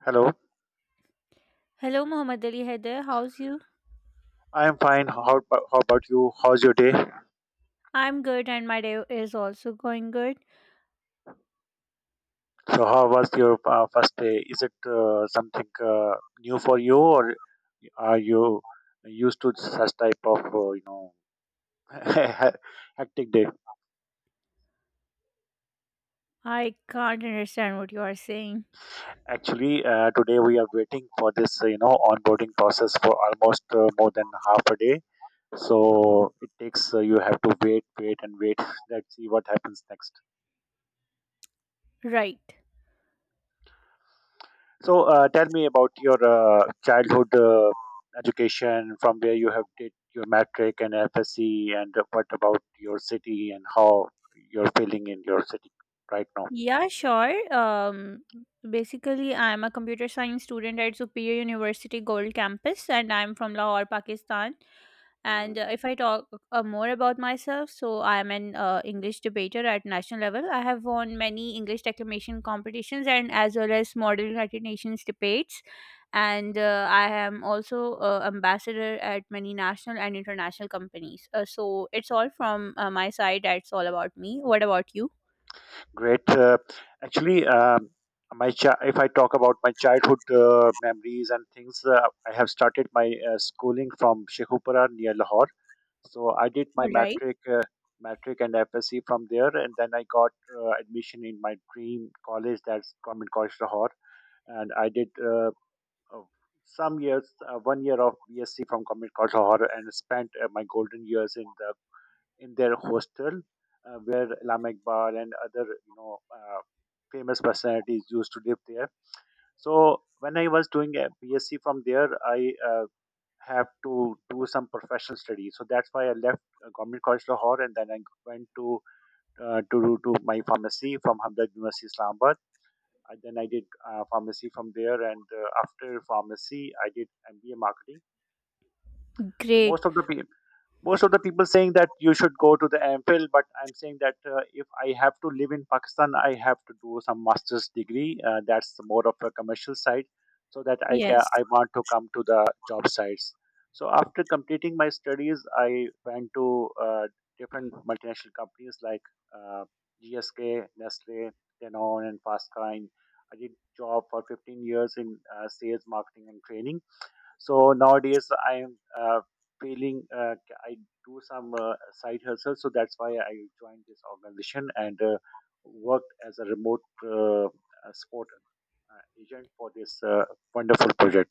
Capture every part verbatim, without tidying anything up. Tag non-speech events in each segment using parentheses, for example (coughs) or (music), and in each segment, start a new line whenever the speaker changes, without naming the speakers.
Hello.
Hello, Muhammad Ali Haider. How's you?
I am fine. How, how about you? How's your day?
I'm good, and my day is also going good.
So, how was your uh, first day? Is it uh, something uh, new for you, or are you used to such type of uh, you know (laughs) hectic day?
I can't understand what you are saying.
Actually, uh, today we are waiting for this uh, you know onboarding process for almost uh, more than half a day. So it takes uh, you have to wait, wait, and wait. (laughs) Let's see what happens next.
Right.
So uh, tell me about your uh, childhood uh, education, from where you have did your matric and F S C, and uh, what about your city and how you're feeling in your city right now.
Yeah, sure. Um, basically, I'm a computer science student at Superior University Gold Campus, and I'm from Lahore, Pakistan. And
Mhm.
uh, if I talk uh, more about myself, so I am an uh, English debater at national level. I have won many English declamation competitions and as well as model United Nations debates. And uh, I am also uh, ambassador at many national and international companies. Uh, so it's all from uh, my side. That's all about me. What about you?
Great. Uh, actually, um, my chi- if I talk about my childhood uh, memories and things, uh, I have started my uh, schooling from Shekhupara near Lahore. So I did my
All right.
metric, uh, metric and F S C from there, and then I got uh, admission in my dream college, that's Government College Lahore, and I did uh, uh, some years, uh, one year of BSc from Government College Lahore, and spent uh, my golden years in the in their hostel, uh, where Alam Iqbal and other you know uh, famous personalities used to live there. So when I was doing a BSc from there, I uh, have to do some professional studies. So that's why I left uh, Government College Lahore, and then I went to uh, to to my pharmacy from Hamdard University Islamabad. And then I did uh, pharmacy from there, and uh, after pharmacy, I did M B A marketing. So
Great.
most of the pe- most of the people saying that you should go to the MPhil, but I'm saying that uh, if I have to live in Pakistan, I have to do some master's degree. Uh, that's more of a commercial side, so that I can
Yes.
I want to come to the job sites. So after completing my studies, I went to uh, different multinational companies like uh, G S K, Nestle, Danone, and Fastkind. I did job for fifteen years in uh, sales, marketing, and training, so nowadays I'm uh, feeling, uh, I do some uh, side hustle, so that's why I joined this organization and uh, worked as a remote uh, uh, support uh, agent for this uh, wonderful project.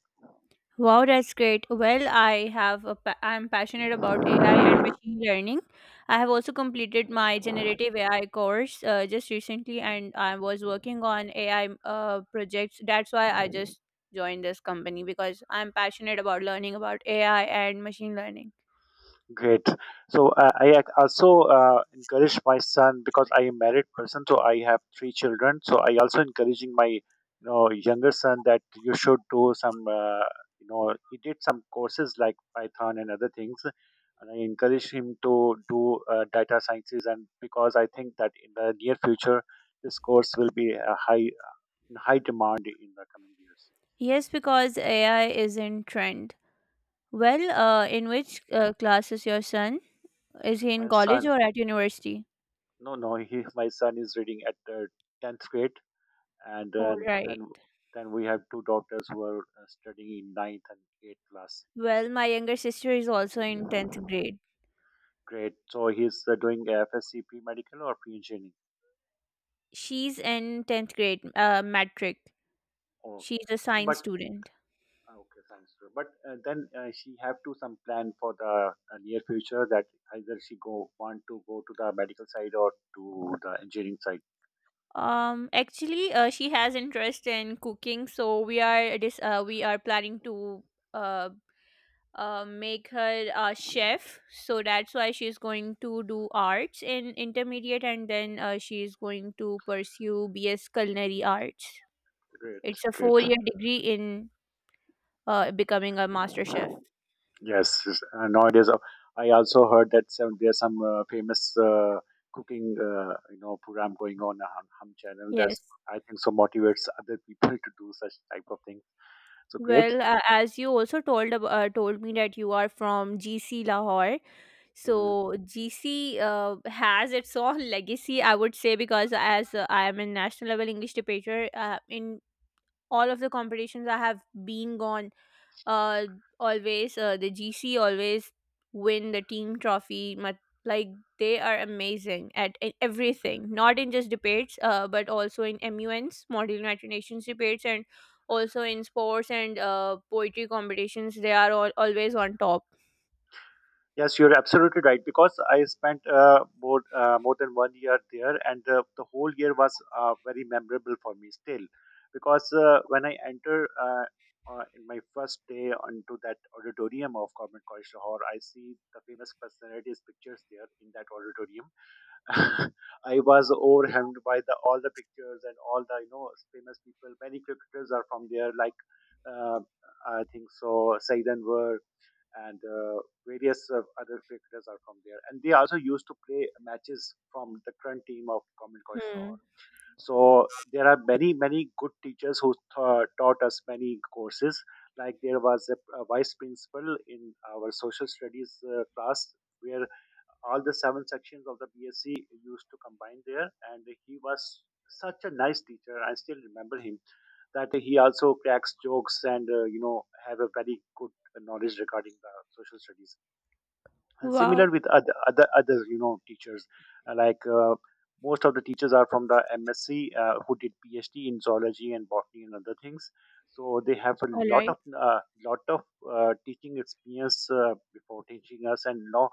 Wow, that's great. Well, I have a pa- I'm passionate about A I and machine learning. I have also completed my generative A I course uh, just recently, and I was working on A I uh, projects. That's why I just joined this company because I'm passionate about learning about A I and machine learning.
Great. So uh, I ac- also uh, encourage my son because I am married person, so I have three children. So I also encouraging my you know younger son, that you should do some uh, you know he did some courses like Python and other things, and I encourage him to do uh, data sciences, and because I think that in the near future this course will be a high in high demand in the coming years.
Yes, because A I is in trend. Well, uh, in which uh, class is your son? Is he in
My
college
son,
or at university?
no, no, he my son is reading at the tenth grade, and
All
then
right.
then then we have two daughters who are uh, studying in ninth and eighth class.
Well, my younger sister is also in tenth grade.
Great. So he's uh, doing F S C P medical or pre-engineering.
She's in tenth grade, uh, metric.
Oh,
She's a
okay.
science
But
student.
uh, okay, thanks, sir. But uh, then uh, she have to some plan for the uh, near future, that either she go want to go to the medical side or to the engineering side.
Um, actually, uh, she has interest in cooking, so we are dis- uh, we are planning to uh, uh, make her a chef. So that's why she's going to do arts in intermediate, and then uh, she is going to pursue B S Culinary Arts.
Great,
It's a
great.
four year degree in uh, becoming a master chef.
Yes, yes, uh, nowadays uh, I also heard that some there's some uh, famous uh, cooking, uh, you know program going on on Hum channel.
Yes.
That's, I think so, motivates other people (laughs) to do such type of thing. So, great.
Well, uh, as you also told ab- uh, told me that you are from G C Lahore,
Mhm.
so G C uh, has its (laughs) own legacy, I would say, because as uh, I am a national level English debater, uh, in all of the competitions I have been gone uh always uh, the gc always win the team trophy Mat- like they are amazing at e- everything, not in just debates uh, but also in muns model united nations debates and also in sports and uh, poetry competitions. They are all, always on top.
Yes, you're absolutely right. Because I spent uh, more uh, more than one year there, and the, the whole year was uh, very memorable for me still. Because uh, when I enter uh, uh, in my first day onto that auditorium of Government College Lahore, I see the famous personalities' pictures there in that auditorium. (laughs) I was overwhelmed by the all the pictures and all the you know famous people. Many cricketers are from there, like, uh, I think so, Said Anwar, and uh, various uh, other cricketers are from there. And they also used to play matches from the current team of Common College
Hmm.
Lahore. So there are many, many good teachers who tha- taught us many courses. Like there was a, a vice principal in our social studies uh, class, where all the seven sections of the BSc used to combine there, and he was such a nice teacher. I still remember him, that he also cracks jokes and uh, you know have a very good knowledge regarding the social studies, and similar
Wow.
with other other others, you know teachers. Uh, like, uh, most of the teachers are from the M S c, uh, who did P H D in zoology and botany and other things, so they have a
All
lot
right.
of uh, lot of uh, teaching experience, uh, before teaching us. And now,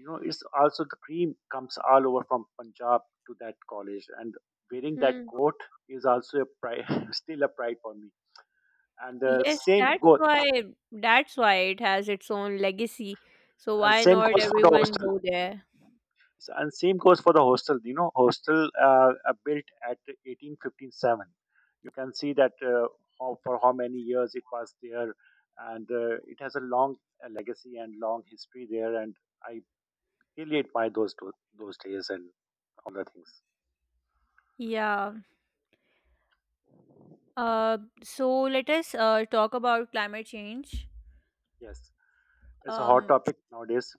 you know it's also the cream comes all over from Punjab to that college, and wearing that
Hmm.
coat is also a pride, (laughs) still a pride for me, and uh,
Yes,
same
that's
goes,
why that's why it has its own legacy. So
and
why
same
not
goes for the
everyone
hostel.
go there?
So, and same goes for the hostel, you know hostel uh, are built at eighteen one fifty-seven. You can see that uh, how, for how many years it was there, and uh, it has a long uh, legacy and long history there, and I really admire those do- those days and all the things.
Yeah. Uh, so let us uh, talk about climate change.
Yes, it's a hot
Um,
topic nowadays.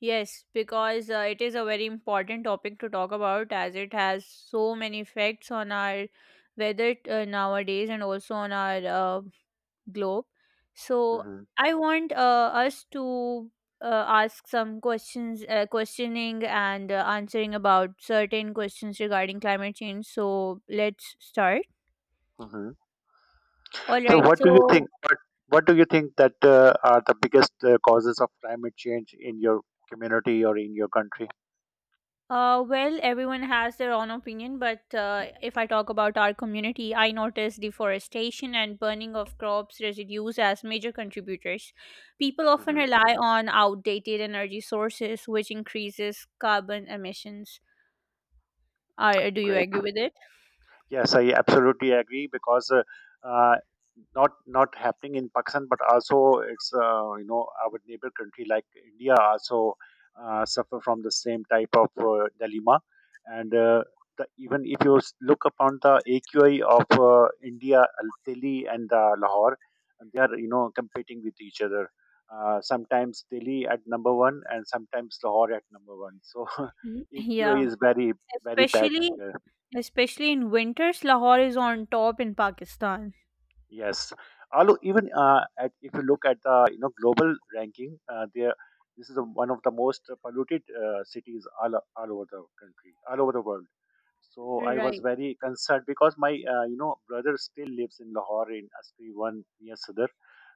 yes, because uh, it is a very important topic to talk about, as it has so many effects on our weather uh, nowadays and also on our uh, globe. So I want uh, us to uh, ask some questions, uh, questioning and uh, answering about certain questions regarding climate change. So let's start.
Hmm.
All
So,
right.
what do you
So,
think? What What do you think that uh, are the biggest uh, causes of climate change in your community or in your country?
Uh, well, everyone has their own opinion, but uh, if I talk about our community, I notice deforestation and burning of crops residues as major contributors. People often
Hmm.
rely on outdated energy sources, which increases carbon emissions. Uh, do you
Great.
agree with it?
Yes, I absolutely agree because uh, uh, not not happening in Pakistan, but also it's, uh, you know our neighbor country like India also uh, suffer from the same type of uh, dilemma. And uh, the, even if you s- look upon the A Q I of uh, India, uh, Delhi, and uh, Lahore, they are, you know competing with each other. Uh, sometimes Delhi at number one, and sometimes Lahore at number one. So (laughs)
Y-
A Q I
Yeah,
is very, very bad
especially
here.
especially in winters, Lahore is on top in Pakistan.
Yes, although even uh, at, if you look at the, you know global ranking, uh, there this is a, one of the most polluted uh, cities, all, all over the country, all over the world. So I was
Right,
very concerned because my, uh, you know brother still lives in Lahore in Askri one near Sadr.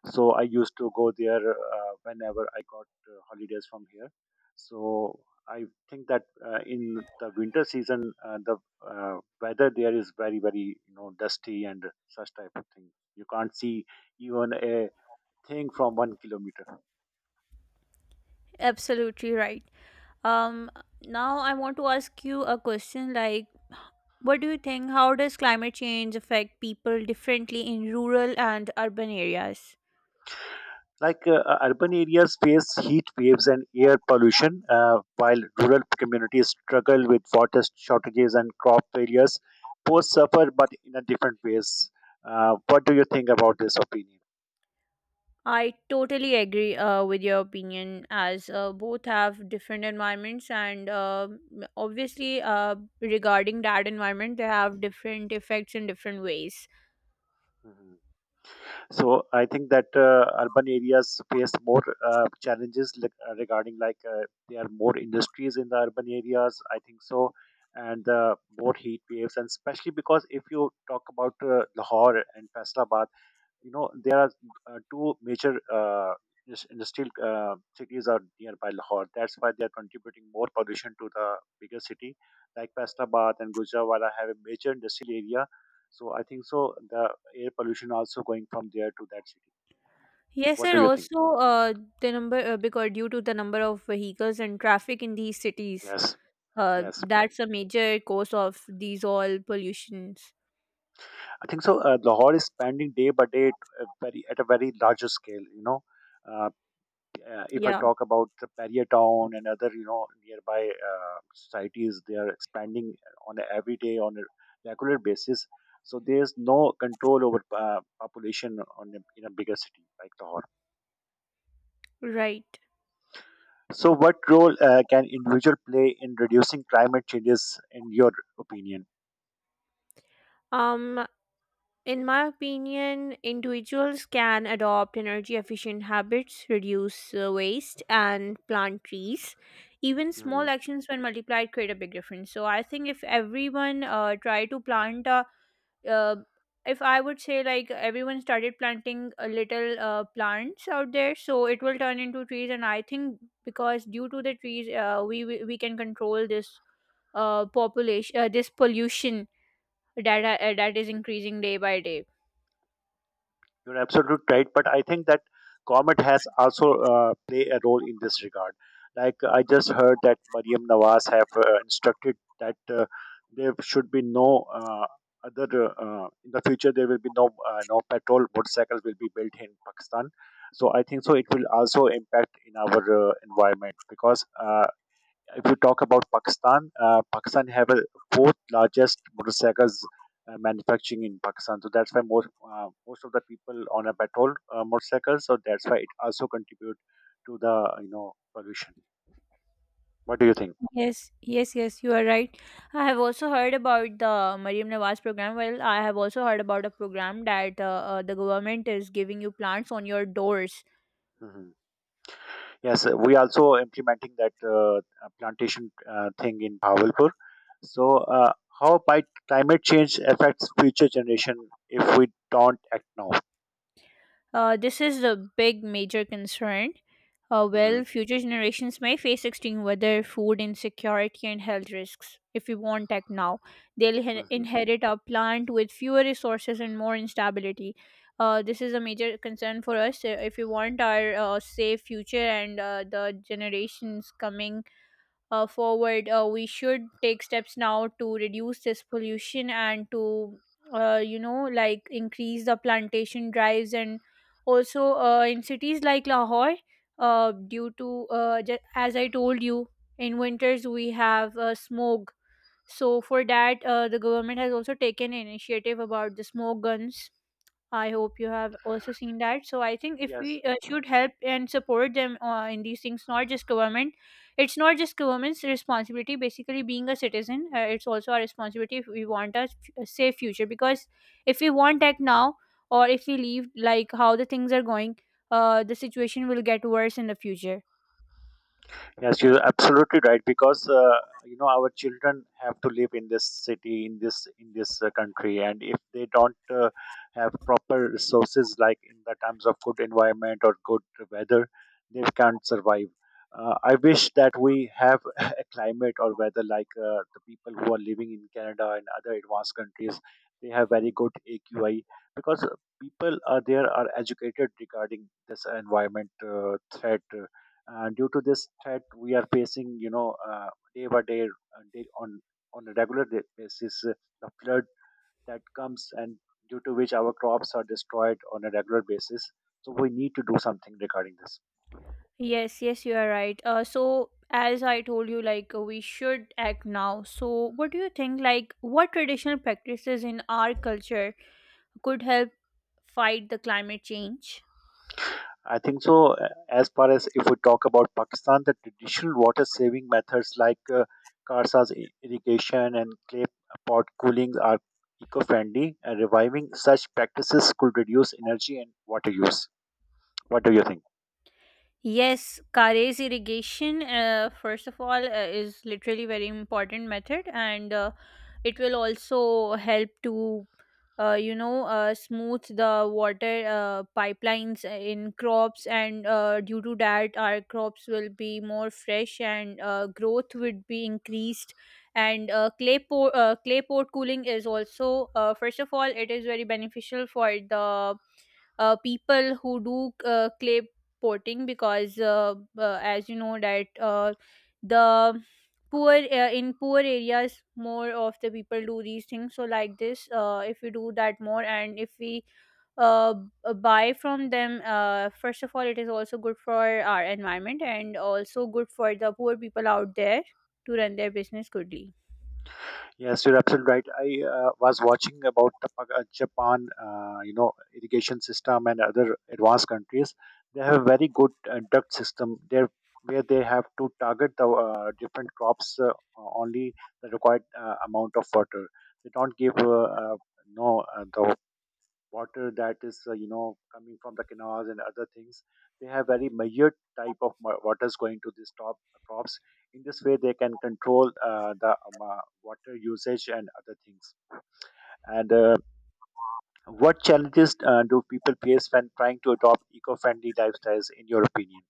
So I used to go there uh, whenever I got uh, holidays from here. So I think that uh, in the winter season, uh, the uh, weather there is very, very, you know dusty and such type of thing. You can't see even a thing from one kilometer.
absolutely right. Um, now I want to ask you a question, like, What do you think? How does climate change affect people differently in rural and urban areas?
Like, uh, uh, urban areas face heat waves and air pollution, uh, while rural communities struggle with water shortages and crop failures. Both suffer, but in a different ways. Uh, what do you think about this opinion?
I totally agree uh, with your opinion, as uh, both have different environments, and uh, obviously, uh, regarding that environment, they have different effects in different ways.
Mhm. So I think that uh, urban areas face more uh, challenges, like, uh, regarding, like uh, there are more industries in the urban areas, I think so. And uh, more heat waves, and especially because if you talk about uh, Lahore and Faisalabad, you know there are uh, two major uh, indus- industrial uh, cities are nearby Lahore. That's why they are contributing more pollution to the bigger city, like Faisalabad and Gujranwala have a major industrial area. So I think so the air pollution also going from there to that city.
Yes,
What
and
do you think?
also uh, the number uh, because due to the number of vehicles and traffic in these cities,
Yes,
uh,
yes.
that's a major cause of these all pollutions.
I think so. Uh, Lahore is spending day by day at a very, at a very larger scale. You know, Uh, uh, if I
Yeah,
talk about the barrier town and other, you know, nearby uh, societies, they are expanding on a every day on a regular basis. So there is no control over uh, population on a, in a bigger city like Lahore.
right.
So what role uh, can individual play in reducing climate changes, in your opinion?
Um, In my opinion, individuals can adopt energy efficient habits, reduce uh, waste, and plant trees. Even small actions, when multiplied, create a big difference. So, I think if everyone uh, try to plant a uh, if I would say, like, everyone started planting a little uh, plants out there, so it will turn into trees. And I think because due to the trees, uh, we we we can control this uh population, uh, this pollution that uh, that is increasing day by day.
You're absolutely right, but I think that government has also uh, play a role in this regard. Like, I just heard that Mariam Nawaz have uh, instructed that uh, there should be no uh, other, uh, in the future. There will be no uh, no petrol motorcycles will be built in Pakistan. So I think so it will also impact in our uh, environment, because uh, if you talk about Pakistan, uh, Pakistan have a fourth largest motorcycles uh, manufacturing in Pakistan. So that's why most uh, most of the people on a petrol uh, motorcycle. So that's why it also contribute to the you know pollution. What do you think?
Yes, yes, yes, you are right. I have also heard about the Mariam Nawaz program. Well, I have also heard about a program that uh, uh, the government is giving you plants on your doors.
Hmm. Yes, uh, we also implementing that uh, uh, plantation uh, thing in Bahawalpur. So uh, how might climate change affects future generation if we don't act now?
Uh, this is a big major concern. Uh, well,
hmm
future generations may face extreme weather, food insecurity, and health risks if we won't act now. They'll he-
hmm
inherit a plant with fewer resources and more instability. Uh, this is a major concern for us uh, if we want our uh, safe future and uh, the generations coming uh, forward. Uh, we should take steps now to reduce this pollution, and to uh, you know, like, increase the plantation drives, and also uh, in cities like Lahore, uh, due to uh, ju- as I told you, in winters we have uh, smog. So for that, uh, the government has also taken initiative about the smoke guns. I hope you have also seen that. So I think if
Yes,
we uh, should help and support them uh, in these things, not just government. It's not just government's responsibility. Basically, being a citizen, uh, it's also our responsibility if we want a, f- a safe future. Because if we want tech now, or if we leave like how the things are going, uh, the situation will get worse in the future.
Yes, you're absolutely right because uh, you know our children have to live in this city, in this in this uh, country, and if they don't uh, have proper resources, like in the terms of good environment or good weather, they can't survive. Uh, I wish that we have (laughs) a climate or weather like uh, the people who are living in Canada and other advanced countries. They have very good A Q I because people are there are educated regarding this environment uh, threat uh, uh, due to this threat, we are facing, you know, uh, day by day, uh, day on on a regular day basis, uh, the flood that comes, and due to which our crops are destroyed on a regular basis. So we need to do something regarding this.
Yes, yes, you are right. Uh, so as I told you, like, uh, we should act now. So what do you think? Like, what traditional practices in our culture could help fight the climate change?
I think so. uh, As far as if we talk about Pakistan, the traditional water saving methods like uh, Karsa's i- irrigation and clay pot cooling are eco-friendly, and reviving such practices could reduce energy and water use. What do you think?
Yes, Kare's irrigation, uh, first of all, uh, is literally very important method, and uh, it will also help to, uh, you know, uh, smooth the water uh, pipelines in crops, and uh, due to that, our crops will be more fresh, and uh, growth would be increased. And uh, clay pot, uh, clay pot cooling is also, uh, first of all, it is very beneficial for the uh, people who do uh, clay potting, because uh, uh, as you know that uh, the poor uh, in poor areas, more of the people do these things. So, like this, uh, if we do that more, and if we uh, b- buy from them, uh, first of all, it is also good for our environment and also good for the poor people out there to run their business goodly.
Yes, you're absolutely right. I uh, was watching about the Pag- uh, Japan, uh, you know, irrigation system and other advanced countries. They have a very good uh, duct system there, where they have to target the uh, different crops uh, only the required uh, amount of water. They don't give uh, uh, no uh, the water that is uh, you know coming from the canals and other things. They have very measured type of wa- waters going to these top uh, crops. In this way they can control uh, the um, uh, water usage and other things. And uh, what challenges uh, do people face when trying to adopt eco-friendly lifestyles in your opinion?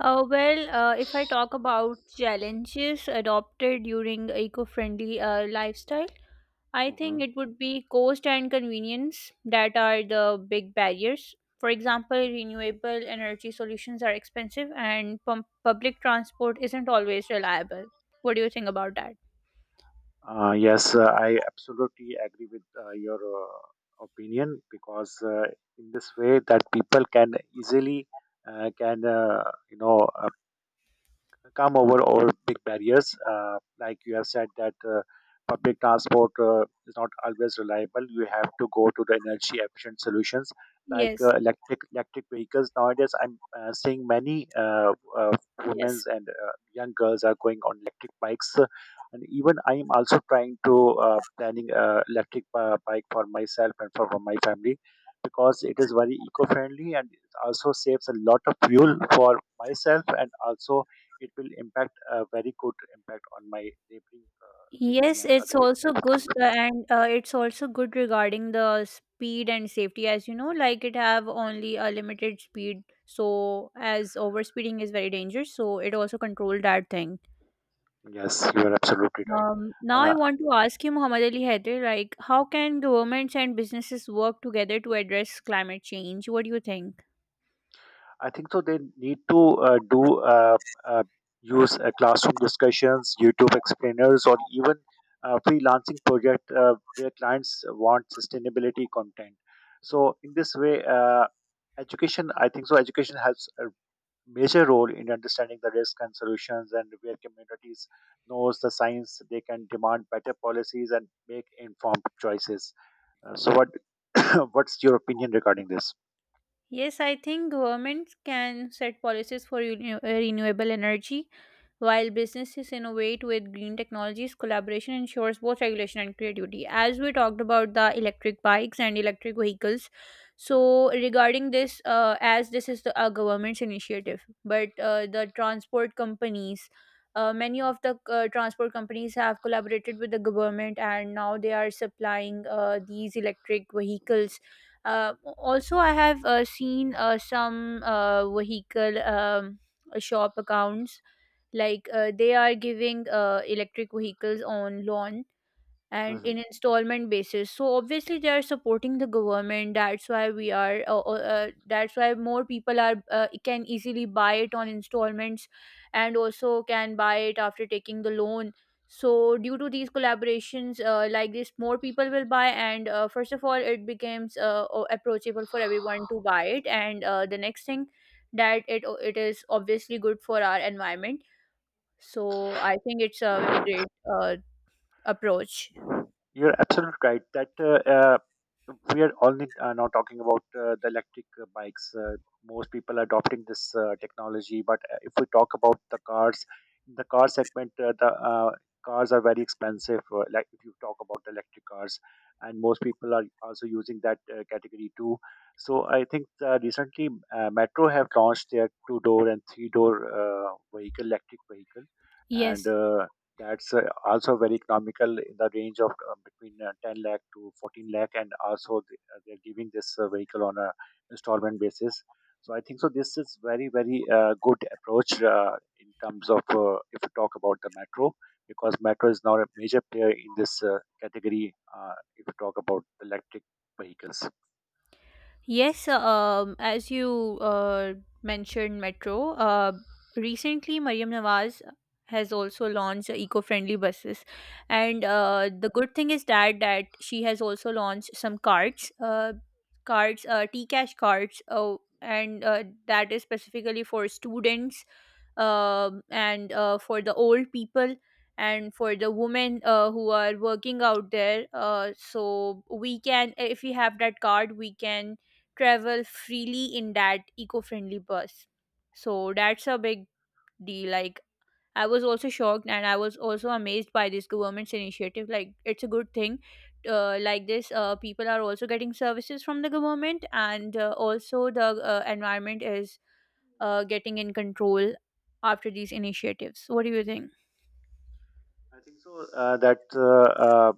Uh, well, uh, if I talk about challenges adopted during eco-friendly uh, lifestyle, I
hmm
think it would be cost and convenience that are the big barriers. For example, renewable energy solutions are expensive and pum- public transport isn't always reliable. What do you think about that?
Uh, yes, uh, I absolutely agree with uh, your uh, opinion because uh, in this way that people can easily uh, can uh, you know come over all big barriers. Uh, like you have said that uh, public transport uh, is not always reliable. You have to go to the energy efficient solutions like
Yes.
uh, electric electric vehicles. Nowadays, I'm uh, seeing many uh, uh, women
Yes.
and uh, young girls are going on electric bikes. Uh, And even I am also trying to uh, planning uh, electric uh, bike for myself and for, for my family because it is very eco-friendly and it also saves a lot of fuel for myself and also it will impact a very good impact on my neighboring uh, city
Yes,
and
it's
other
also
other
good
things.
uh, and uh, it's also good regarding the speed and safety, as you know, like, it have only a limited speed, so as overspeeding is very dangerous, so it also control that thing.
Yes, you are absolutely right.
Um, now I
Uh,
want to ask you, Muhammad Ali Haider, like, how can governments and businesses work together to address climate change? What do you think?
I think so. They need to uh, do uh, uh, use uh, classroom discussions, YouTube explainers, or even uh, freelancing project uh, where clients want sustainability content. So in this way, uh, education. I think so. Education helps major role in understanding the risk and solutions, and where communities knows the science they can demand better policies and make informed choices. Uh, so what (coughs) what's your opinion regarding this?
Yes, I think governments can set policies for renew- uh, renewable energy, while businesses innovate with green technologies. Collaboration ensures both regulation and creativity. As we talked about the electric bikes and electric vehicles, so
Mhm,
regarding this, uh, as this is the, a government's initiative, but uh, the transport companies, uh, many of the uh, transport companies have collaborated with the government, and now they are supplying uh, these electric vehicles. Uh, also, I have uh, seen uh, some uh, vehicle um, shop accounts, like uh, they are giving uh, electric vehicles on loan and in
mhm.
installment basis, so obviously they are supporting the government. That's why we are uh, uh, uh, that's why more people are uh, can easily buy it on installments, and also can buy it after taking the loan. So due to these collaborations, uh, like this, more people will buy, and uh, first of all, it becomes uh, o- approachable for everyone to buy it. And uh, the next thing, that it it is obviously good for our environment. So I think it's a very great uh, approach.
You're absolutely right that uh, uh, we are only uh, now talking about uh, the electric uh, bikes. Uh, most people are adopting this uh, technology, but uh, if we talk about the cars, the car segment, uh, the uh, cars are very expensive. Uh, like if you talk about the electric cars, and most people are also using that uh, category too. So I think uh, recently uh, Metro have launched their two-door and three-door uh, vehicle, electric vehicle, and
Yes.
uh, that's uh, also very economical in the range of uh, between uh, ten lakh to fourteen lakh, and also th- uh, they're giving this uh, vehicle on a installment basis. So I think so this is very very uh, good approach uh, in terms of uh, if we talk about the Metro, because Metro is now a major player in this uh, category, uh, if we talk about electric vehicles.
Yes, uh, um, as you uh, mentioned, Metro, uh, recently Mariam Nawaz has also launched eco-friendly buses, and uh,
Mhm.
the good thing is that that she has also launched some cards, uh, cards, uh, T-Cash cards, uh, and uh, that is specifically for students, um, and uh, for the old people, and for the women uh, who are working out there. Uh, so we can, if we have that card, we can travel freely in that eco-friendly bus. So that's a big deal. Like, I was also shocked and I was also amazed by this government's initiative. Like, it's a good thing. Uh, like this, uh, people are also getting services from the government, and uh, also the uh, environment is uh, getting in control after these initiatives. What do you think?
I think so uh, that uh, uh,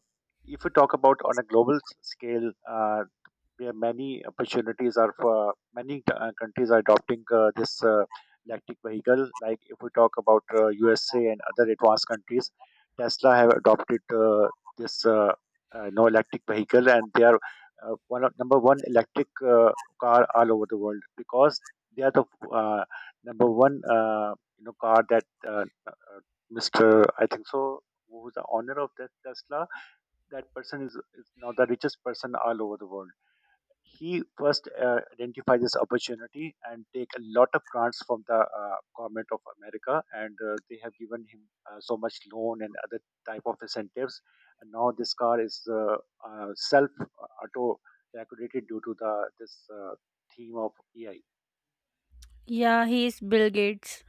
if we talk about on a global s- scale, uh, yeah, many opportunities are for many uh, countries are adopting uh, this uh, electric vehicle. Like if we talk about uh, U S A and other advanced countries, Tesla have adopted uh, this uh, uh, no electric vehicle, and they are uh, one of number one electric uh, car all over the world, because they are the uh, number one uh, you know car that uh, uh, mister I think so who is the owner of that Tesla. That person is, is now the richest person all over the world. He first uh, identifies this opportunity and take a lot of grants from the uh, government of America, and uh, they have given him uh, so much loan and other type of incentives. And now this car is uh, uh, self uh, auto decorated due to the this uh, theme of A I.
Yeah, he's Bill Gates.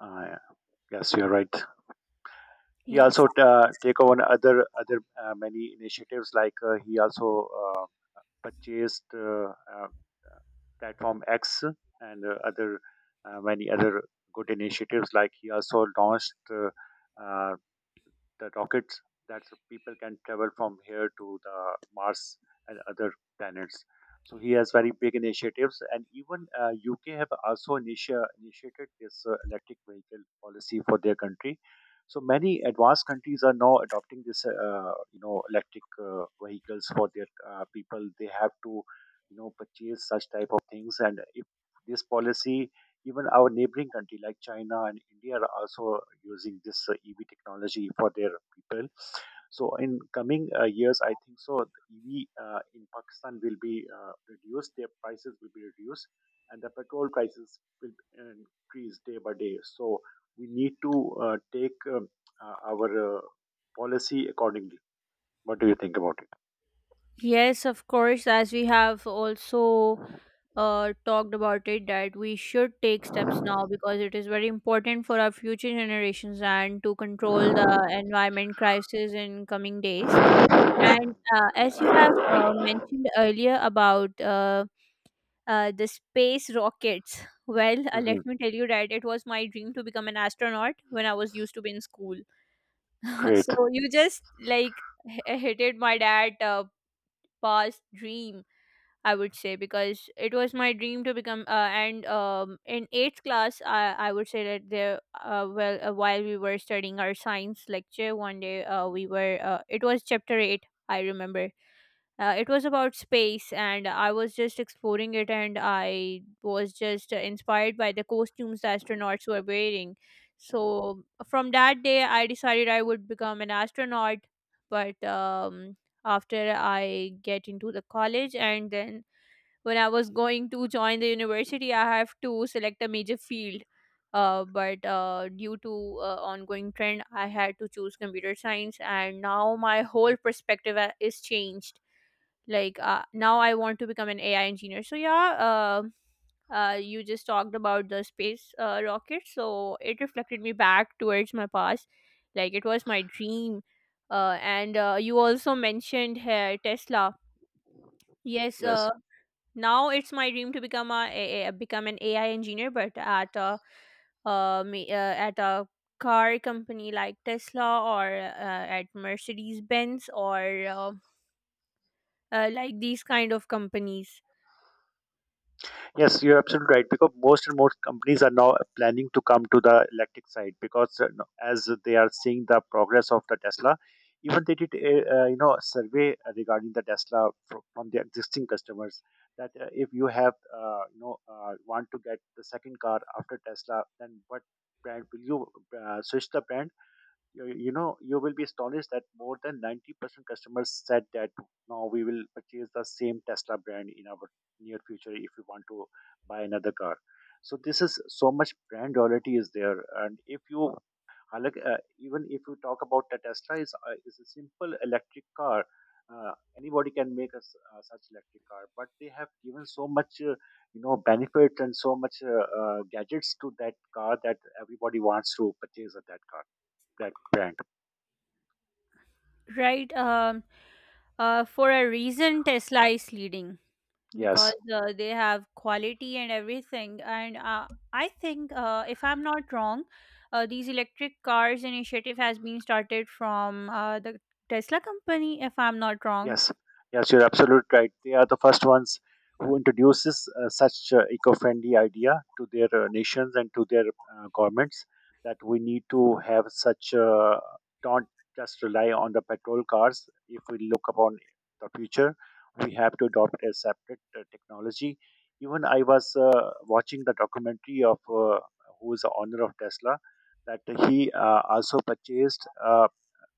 uh, yes, you're right. He
Yes.
also uh, take on other other uh, many initiatives. Like uh, he also uh, purchased uh, uh, platform X and uh, other uh, many other good initiatives. Like he also launched uh, uh, the rockets that people can travel from here to the Mars and other planets. So he has very big initiatives, and even uh, U K have also initia- initiated this uh, electric vehicle policy for their country. So many advanced countries are now adopting this, uh, you know, electric uh, vehicles for their uh, people. They have to, you know, purchase such type of things. And if this policy, even our neighboring country like China and India, are also using this uh, E V technology for their people. So in coming uh, years, I think so the E V uh, in Pakistan will be uh, reduced. Their prices will be reduced, and the petrol prices will uh, increase day by day. So we need to uh, take um, uh, our uh, policy accordingly. What do you think about it?
Yes, of course, as we have also uh, talked about it, that we should take steps now, because it is very important for our future generations and to control the environment crisis in coming days. And uh, as you have uh, mentioned earlier about uh, uh, the space rockets, (laughs) well, uh, let
Mhm.
me tell you that it was my dream to become an astronaut when I was used to be in school. (laughs) So
Great.
you just, like, h- hit it, my dad uh, past dream, I would say, because it was my dream to become. Uh, and um, in eighth class, I, I would say that there. Uh, well, uh, while we were studying our science lecture one day, uh, we were. Uh, it was chapter eight, I remember. Uh, it was about space, and I was just exploring it, and I was just uh, inspired by the costumes the astronauts were wearing. So from that day, I decided I would become an astronaut. But um, after I get into the college, and then when I was going to join the university, I have to select a major field. Uh, but uh, due to uh, ongoing trend, I had to choose computer science, and now my whole perspective a- is changed. Like, uh, now, I want to become an A I engineer. So yeah, uh, uh, you just talked about the space uh, rocket, so it reflected me back towards my past. Like, it was my dream, uh, and uh, you also mentioned uh, Tesla. Yes,
Yes.
uh, now it's my dream to become a, a, a- become an A I engineer, but at a uh, ma- uh, at a car company like Tesla or uh, at Mercedes Benz, or uh, uh, like, these kind of companies,
Yes, you're absolutely right. Because most and most companies are now planning to come to the electric side, because uh, no- as they are seeing the progress of the Tesla, even they did a uh, you know survey regarding the Tesla fro- from the existing customers, that uh, if you have uh, you know uh, want to get the second car after Tesla, then what brand will you uh, switch the brand? you you know you will be astonished that more than ninety percent customers said that now we will purchase the same Tesla brand in our near future if we want to buy another car. So this is so much brand loyalty is there. And if you हालांकि, uh, even if you talk about the Tesla is uh, is a simple electric car, uh, anybody can make a, s- uh, such electric car, but they have given so much uh, you know benefit and so much uh, uh, gadgets to that car that everybody wants to purchase at that car, that brand.
right? Um, uh, for a reason, Tesla is leading, because
Yes,
uh, they have quality and everything. And uh, I think, uh, if I'm not wrong, uh, these electric cars initiative has been started from uh, the Tesla company, if I'm not wrong.
yes, yes. You're absolutely right. They are the first ones who introduces uh, such uh, eco-friendly idea to their uh, nations and to their uh, governments, that we need to have such. Uh, don't just rely on the petrol cars. If we look upon the future, we have to adopt a separate uh, technology. Even I was uh, watching the documentary of uh, who is the owner of Tesla, that he uh, also purchased. Uh,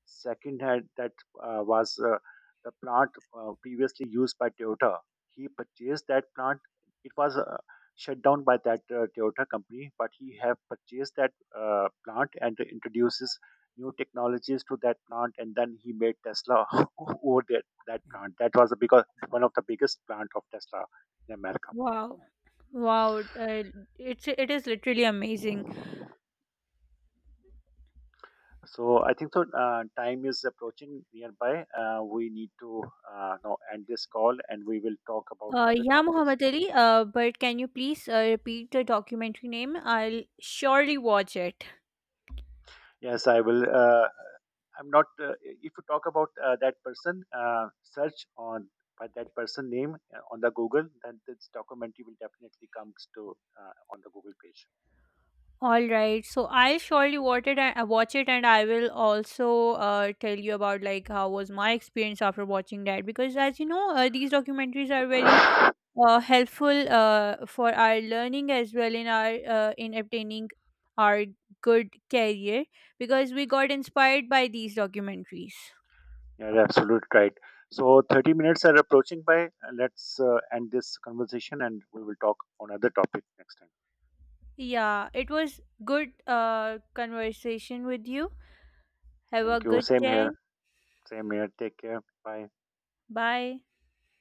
Second had that uh, was uh, the plant uh, previously used by Toyota. He purchased that plant. It was uh, shut down by that uh, Toyota company, but he have purchased that uh, plant and introduces new technologies to that plant, and then he made Tesla (laughs) over that that plant. That was the because one of the biggest plant of Tesla in America.
Wow. Wow, uh, it's it is literally amazing.
So I think so. Uh, time is approaching nearby. Uh, we need to uh, now end this call, and we will talk about
Uh,
other
yeah,
topics.
Muhammad Ali. Uh, but can you please uh, repeat the documentary name? I'll surely watch it.
Yes, I will. Uh, I'm not. Uh, if you talk about uh, that person, uh, search on by that person name uh, on the Google, then this documentary will definitely comes to uh, on the Google page.
All right, so I'll surely watch it. And, uh, watch it, and I will also uh, tell you about, like, how was my experience after watching that. Because as you know, uh, these documentaries are very uh, helpful uh, for our learning as well, in our uh, in obtaining our good career, because we got inspired by these documentaries.
Yeah, you're absolutely right. So thirty minutes are approaching by. Uh, Let's uh, end this conversation, and we will talk on other topic next time.
Yeah, it was good uh, conversation with you. Have a
Thank you.
good
Same
day.
here. Same here. Take care. Bye.
Bye.